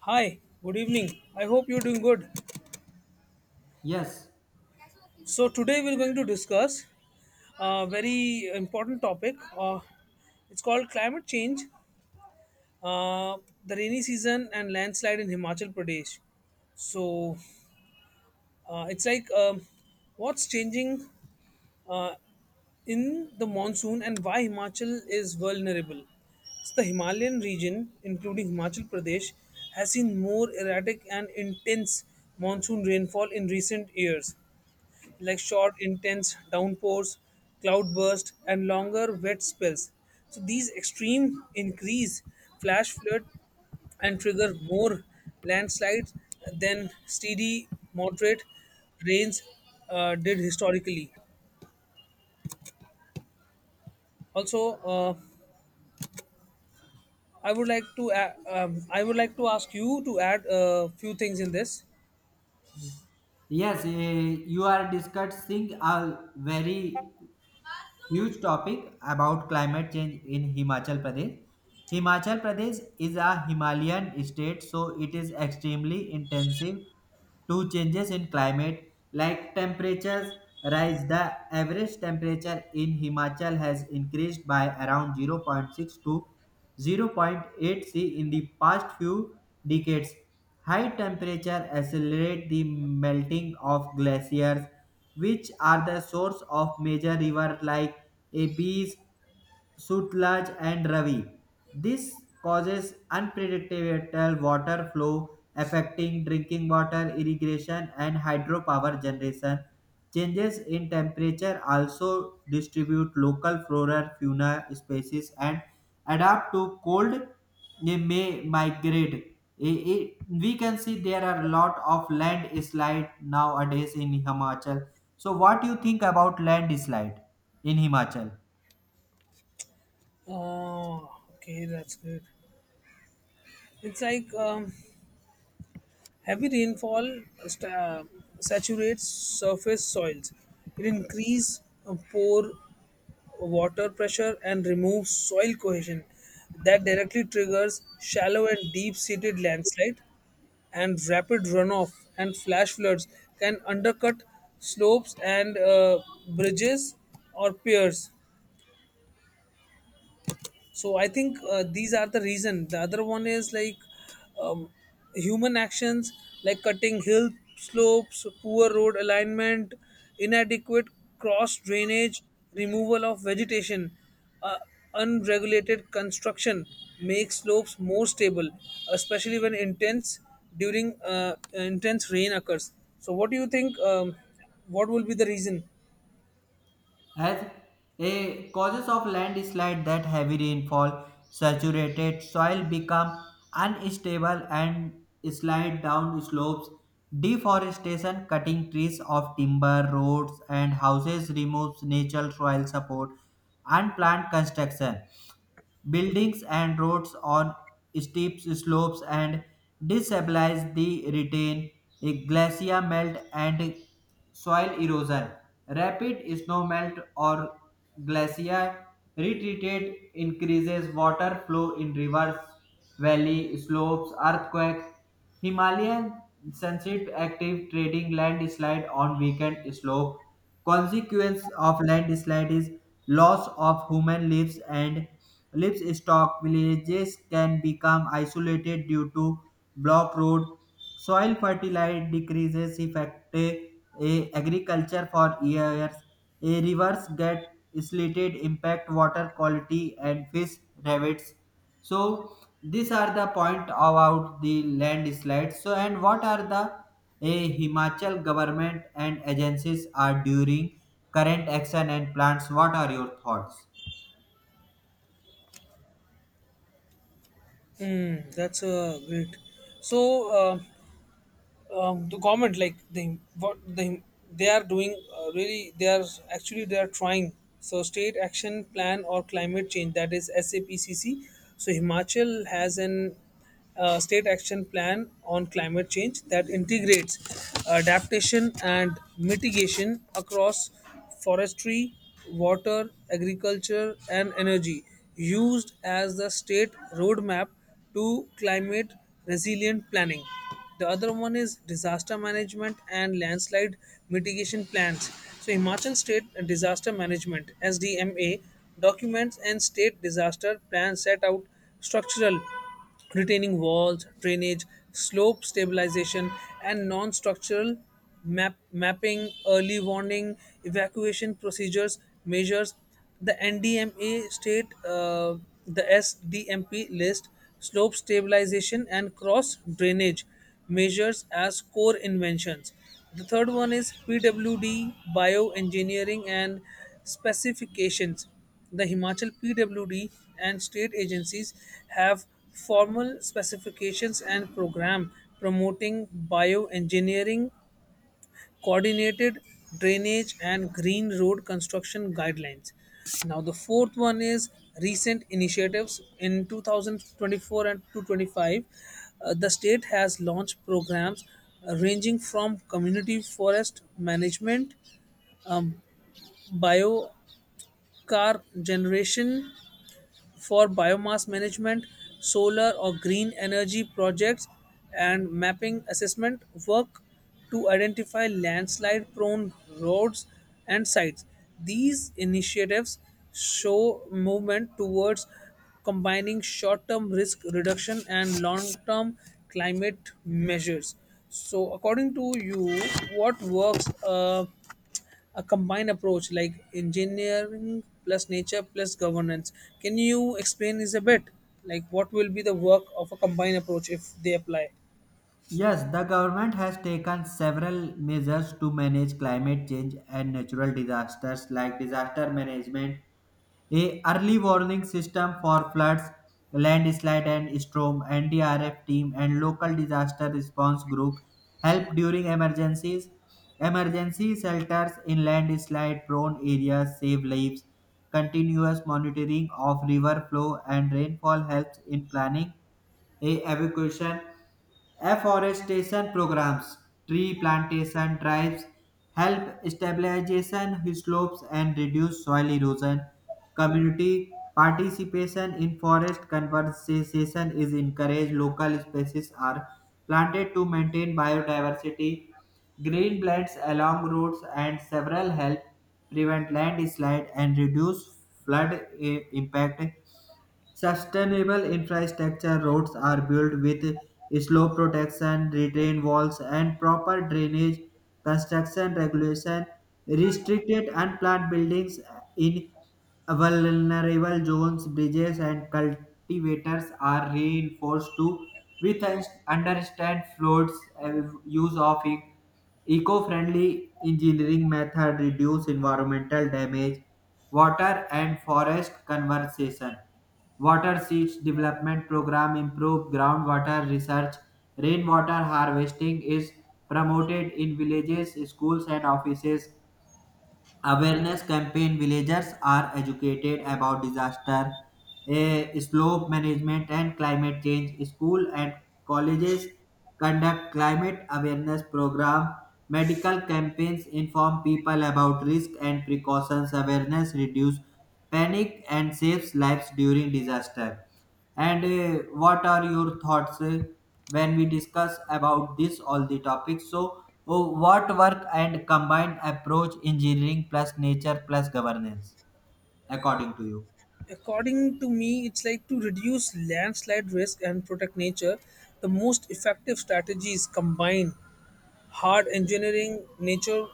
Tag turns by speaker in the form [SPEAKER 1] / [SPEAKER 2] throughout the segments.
[SPEAKER 1] Hi, good evening. I hope you're doing good.
[SPEAKER 2] Yes,
[SPEAKER 1] So, today we're going to discuss a very important topic. It's called climate change, uh, the rainy season, and landslide in Himachal Pradesh. So, it's like what's changing uh, in the monsoon and why Himachal is vulnerable. It's the Himalayan region, including Himachal Pradesh, has seen more erratic and intense monsoon rainfall in recent years, like short, intense downpours, cloudbursts, and longer wet spells. So these extreme increase flash flood and trigger more landslides than steady, moderate rains did historically. Also, I would like to I would like to ask you to add a few things in this.
[SPEAKER 2] yes, you are discussing a very huge topic about climate change in Himachal Pradesh. Himachal Pradesh is a Himalayan state, so it is extremely intensive to changes in climate like temperatures rise. The average temperature in Himachal has increased by around zero point 0.6 to zero point 0.8 C in the past few decades. High temperature accelerate the melting of glaciers which are the source of major river like Abis, Sutlej and Ravi. This causes unpredictable water flow affecting drinking water, irrigation and hydropower generation. Changes in temperature also distribute local flora, fauna species and adapt to cold they may migrate. We can see there are a lot of landslide nowadays in Himachal, so what do you think about landslide in Himachal?
[SPEAKER 1] Uh, okay, that's good. It's like heavy rainfall saturates surface soils. It increases pore water pressure and removes soil cohesion. That directly triggers shallow and deep seated landslide and rapid runoff, and flash floods can undercut slopes and bridges or piers. So I think these are the reason. The other one is like um, human actions like cutting hill slopes, poor road alignment, inadequate cross drainage, removal of vegetation, uh, unregulated construction make slopes more stable, especially when intense rain occurs. So what do you think, what will be the reason?
[SPEAKER 2] As a causes of landslide that heavy rainfall, saturated soil become unstable and slide down slopes, deforestation cutting trees of timber, roads and houses removes natural soil support and plant construction. Buildings and roads on steep slopes and destabilize the retain, a glacier melt and soil erosion. Rapid snow melt or glacier retreat increases water flow in rivers, valley, slopes, earthquake, Himalayan sensitive active trading landslide on weekend slope. Consequence of landslide is loss of human lives and livestock villages can become isolated due to block road. Soil fertility decreases affecting agriculture for years. A rivers get silted, impact water quality and fish habits. So these are the point about the landslides. So and what are the a Himachal government and agencies are during current action and plans. What are your thoughts?
[SPEAKER 1] Hmm, that's great. So, uh, the government, like they what they are doing, really they are actually they are trying. So, state action plan or climate change, that is SAPCC. So Himachal has an state action plan on climate change that integrates adaptation and mitigation across forestry, water, agriculture and energy, used as the state roadmap to climate resilient planning. The other one is disaster management and landslide mitigation plans. So, Himachal State Disaster Management (SDMA) documents and state disaster plans set out structural retaining walls, drainage, slope stabilization, and non structural mapping, early warning, evacuation procedures, measures. The NDMA state, the SDMP list, slope stabilization, and cross drainage measures as core inventions. The third one is PWD, bioengineering, and specifications. The Himachal PWD and state agencies have formal specifications and program promoting bioengineering, coordinated drainage and green road construction guidelines. Now the fourth one is recent initiatives in 2024 and 2025. The state has launched programs ranging from community forest management, um, biocar generation for biomass management, solar or green energy projects, and mapping assessment work to identify landslide prone roads and sites. These initiatives show movement towards combining short term risk reduction and long term climate measures. So, according to you, what works? A combined approach like engineering plus nature plus governance. Can you explain this a bit? Like what will be the work of a combined approach if they apply?
[SPEAKER 2] Yes, the government has taken several measures to manage climate change and natural disasters like disaster management, a early warning system for floods, landslide and storm, NDRF team and local disaster response group help during emergencies. Emergency shelters in landslide prone areas save lives. Continuous monitoring of river flow and rainfall helps in planning a. evacuation, afforestation programs, tree plantation drives help stabilization slopes and reduce soil erosion. Community participation in forest conservation is encouraged. Local species are planted to maintain biodiversity. Green belts along roads and several help prevent landslide and reduce flood impact. Sustainable infrastructure roads are built with slope protection, retain walls, and proper drainage. Construction regulation restricted unplanned buildings in vulnerable zones, bridges, and cultivators are reinforced to with understand floats, uh, use of eco-friendly engineering method reduce environmental damage water and forest conservation. Water Seeds Development Program improve groundwater research. Rainwater harvesting is promoted in villages, schools, and offices awareness campaign villagers are educated about disaster, slope management and climate change school and colleges conduct climate awareness program medical campaigns inform people about risk and precautions awareness reduce panic and saves lives during disaster. And what are your thoughts, when we discuss about this all the topics, so oh, what work and combined approach engineering plus nature plus governance, according to you?
[SPEAKER 1] According to me, it's like to reduce landslide risk and protect nature. The most effective strategies combine hard engineering, nature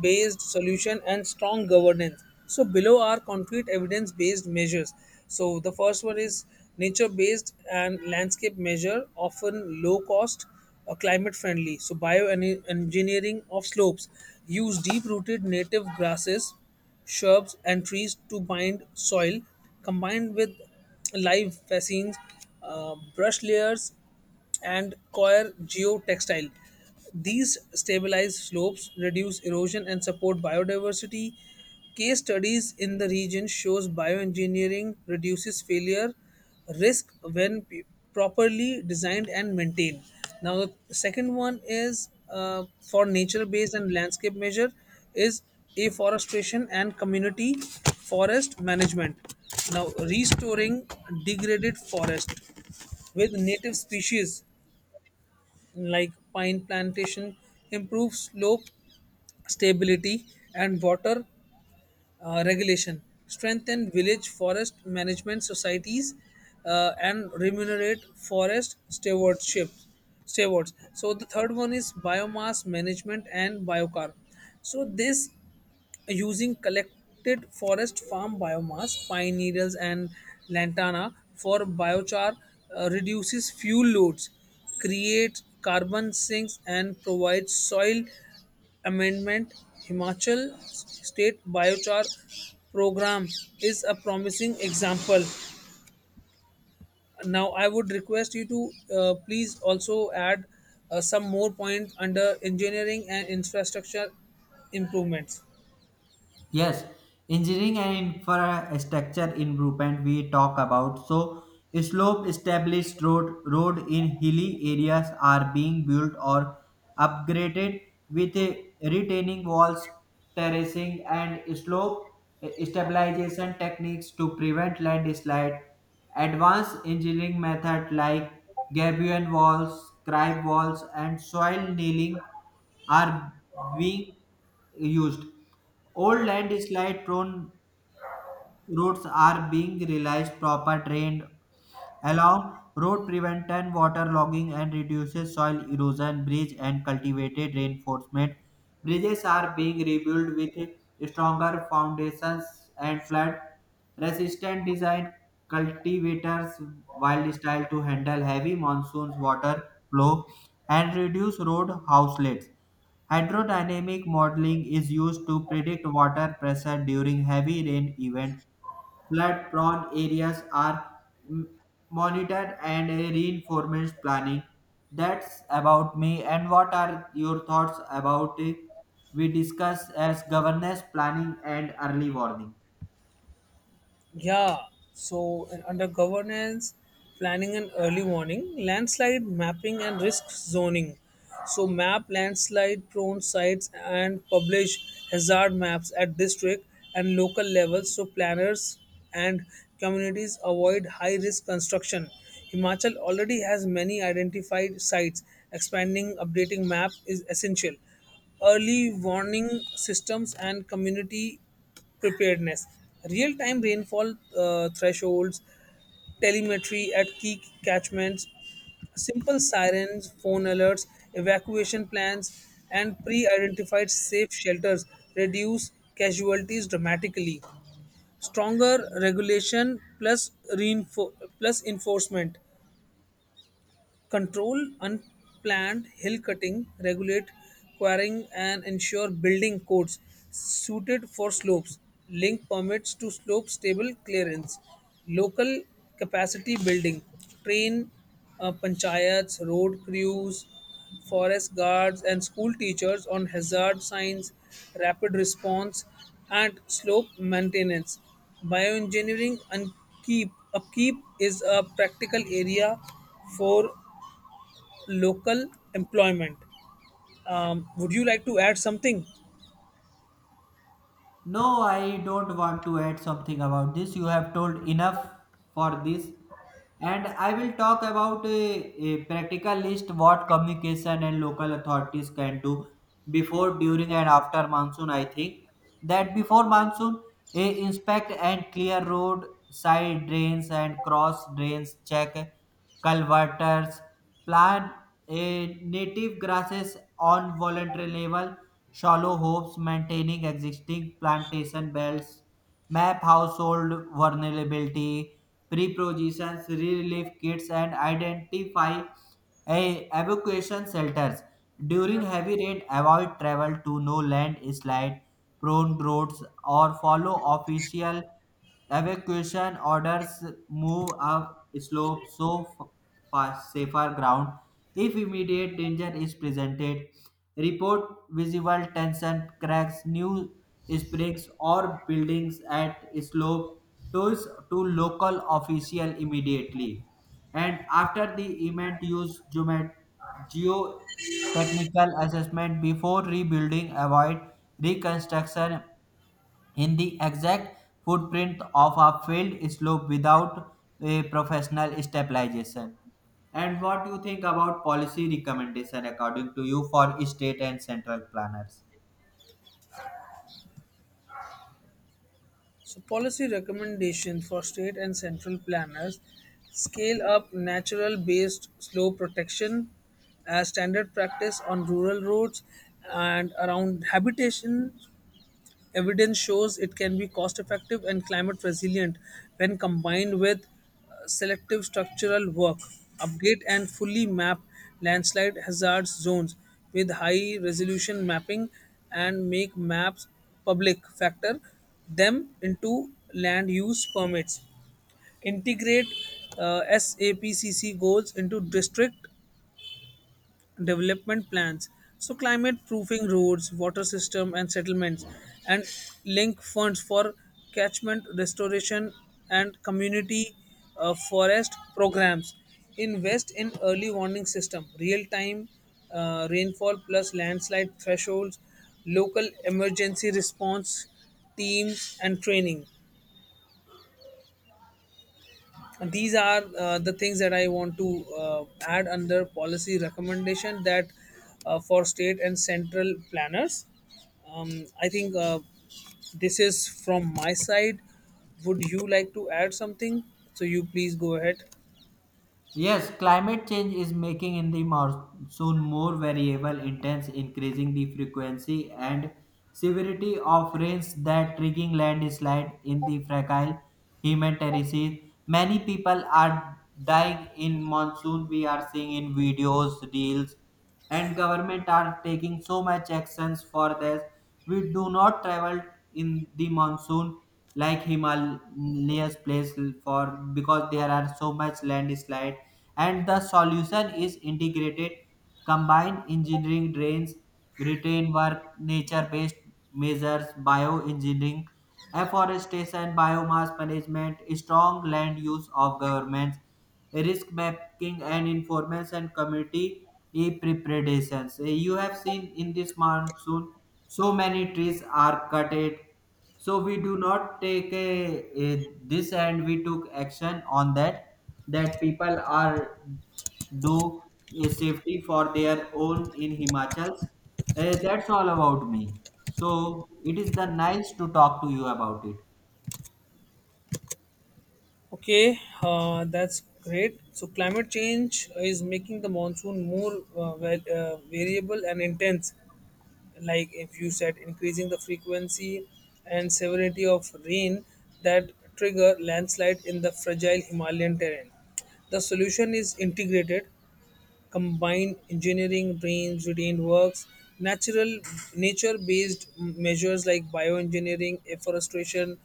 [SPEAKER 1] based solution, and strong governance. So, below are concrete evidence based measures. So, the first one is nature based and landscape measure, often low cost, climate friendly. So, bioengineering of slopes use deep rooted native grasses, shrubs, and trees to bind soil, combined with live fascines, brush layers, and coir geotextile. These stabilize slopes, reduce erosion, and support biodiversity. Case studies in the region shows bioengineering reduces failure risk when properly designed and maintained. Now the second one is, for nature-based and landscape measure, is afforestation and community forest management. Now restoring degraded forest with native species like pine plantation improve slope stability and water regulation, strengthen village forest management societies, and remunerate forest stewards. So the third one is biomass management and biocarb. So this, using collected forest farm biomass, pine needles, and lantana for biochar, reduces fuel loads, creates carbon sinks, and provides soil amendment. Himachal State Biochar Program is a promising example. Now, I would request you to please also add some more points under engineering and infrastructure improvements.
[SPEAKER 2] Yes, engineering and infrastructure improvement we talk about. So, slope established road in hilly areas are being built or upgraded with a retaining walls, terracing, and slope stabilization techniques to prevent landslide. Advanced engineering method like gabion walls, crib walls, and soil nailing are being used. Old landslide prone roads are being realized proper drained along road prevent water logging and reduces soil erosion bridge and cultivated reinforcement bridges are being rebuilt with stronger foundations and flood resistant design cultivators wild style to handle heavy monsoons water flow and reduce road houselets. Hydrodynamic modeling is used to predict water pressure during heavy rain events. Flood prone areas are m- monitored and a reinforcement planning. That's about me. And what are your thoughts about it? We discuss as governance planning and early warning.
[SPEAKER 1] Yeah, so and under governance, planning and early warning, landslide mapping and risk zoning. So map landslide prone sites and publish hazard maps at district and local levels, so planners and communities avoid high risk construction. Himachal already has many identified sites. Expanding updating map is essential. Early warning systems and community preparedness, real time rainfall thresholds, telemetry at key catchments, simple sirens, phone alerts, evacuation plans, and pre identified safe shelters reduce casualties dramatically. Stronger regulation plus, plus enforcement, control unplanned hill cutting, regulate quarrying, and ensure building codes suited for slopes. Link permits to slope stable clearance. Local capacity building. Train panchayats, road crews, forest guards, and school teachers on hazard signs, rapid response, and slope maintenance. Bioengineering and keep upkeep is a practical area for local employment. Would you like to add something?
[SPEAKER 2] No, I don't want to add something about this. You have told enough for this. And I will talk about a practical list what communication and local authorities can do before, during, and after monsoon. I think that before monsoon, a inspect and clear road side drains and cross drains, check culverters, plant a native grasses on voluntary level. Shallow hopes maintaining existing plantation belts map household vulnerability, prepositions, relief kits, and identify evacuation shelters. During heavy rain, avoid travel to no landslide prone roads or follow official evacuation orders, move up slope so fast safer ground. If immediate danger is presented, report visible tension cracks, new springs or buildings at slope to, to local official immediately. And after the event, use geotechnical assessment before rebuilding. Avoid reconstruction in the exact footprint of a field slope without a professional stabilization. And what do you think about policy recommendation according to you for state and central planners?
[SPEAKER 1] So, policy recommendations for state and central planners: scale up natural based slow protection as standard practice on rural roads and around habitation. Evidence shows it can be cost effective and climate resilient when combined with selective structural work. Update and fully map landslide hazard zones with high resolution mapping and make maps public. Factor them into land use permits, integrate SAPCC goals into district development plans. So climate proofing roads, water system and settlements, and link funds for catchment restoration and community forest programs. Invest in early warning system, real time rainfall plus landslide thresholds, local emergency response teams and training. These are the things that I want to add under policy recommendation, that for state and central planners. I think this is from my side. Would you like to add something? So you please go ahead.
[SPEAKER 2] Yes, climate change is making in the monsoon more variable, intense, increasing the frequency and severity of rains that triggering landslide in the fragile human terraces. Many people are dying in monsoon. We are seeing in videos, reels, and government are taking so much actions for this. We do not travel in the monsoon like Himalayas place for because there are so much landslide and the solution is integrated combined engineering drains retain work nature based measures bioengineering afforestation biomass management strong land use of governments risk mapping and informants and community preparations. Eh, you have seen in this monsoon so many trees are cutted. So we do not take this and we took action on that that people are do a safety for their own in Himachals. That's all about me. So it is the nice to talk to you about it.
[SPEAKER 1] Okay, that's great. So, climate change is making the monsoon more variable and intense. Like if you said, increasing the frequency and severity of rain that trigger landslide in the fragile Himalayan terrain. The solution is integrated combined engineering brains retained works, natural nature based measures like bioengineering, afforestation,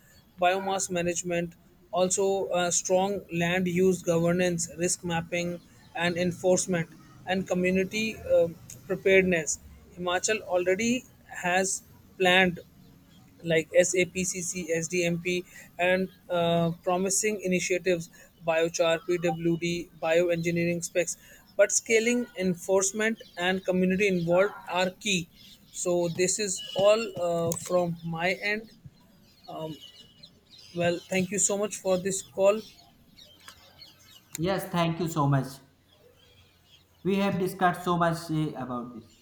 [SPEAKER 1] biomass management, also strong land use governance, risk mapping and enforcement, and community um preparedness. Himachal already has planned like SAPCC, SDMP, and promising initiatives, biochar, PWD, bioengineering specs. But scaling, enforcement, and community involved are key. So, this is all from my end. Well, thank you so much for this call.
[SPEAKER 2] Yes, thank you so much. We have discussed so much about this.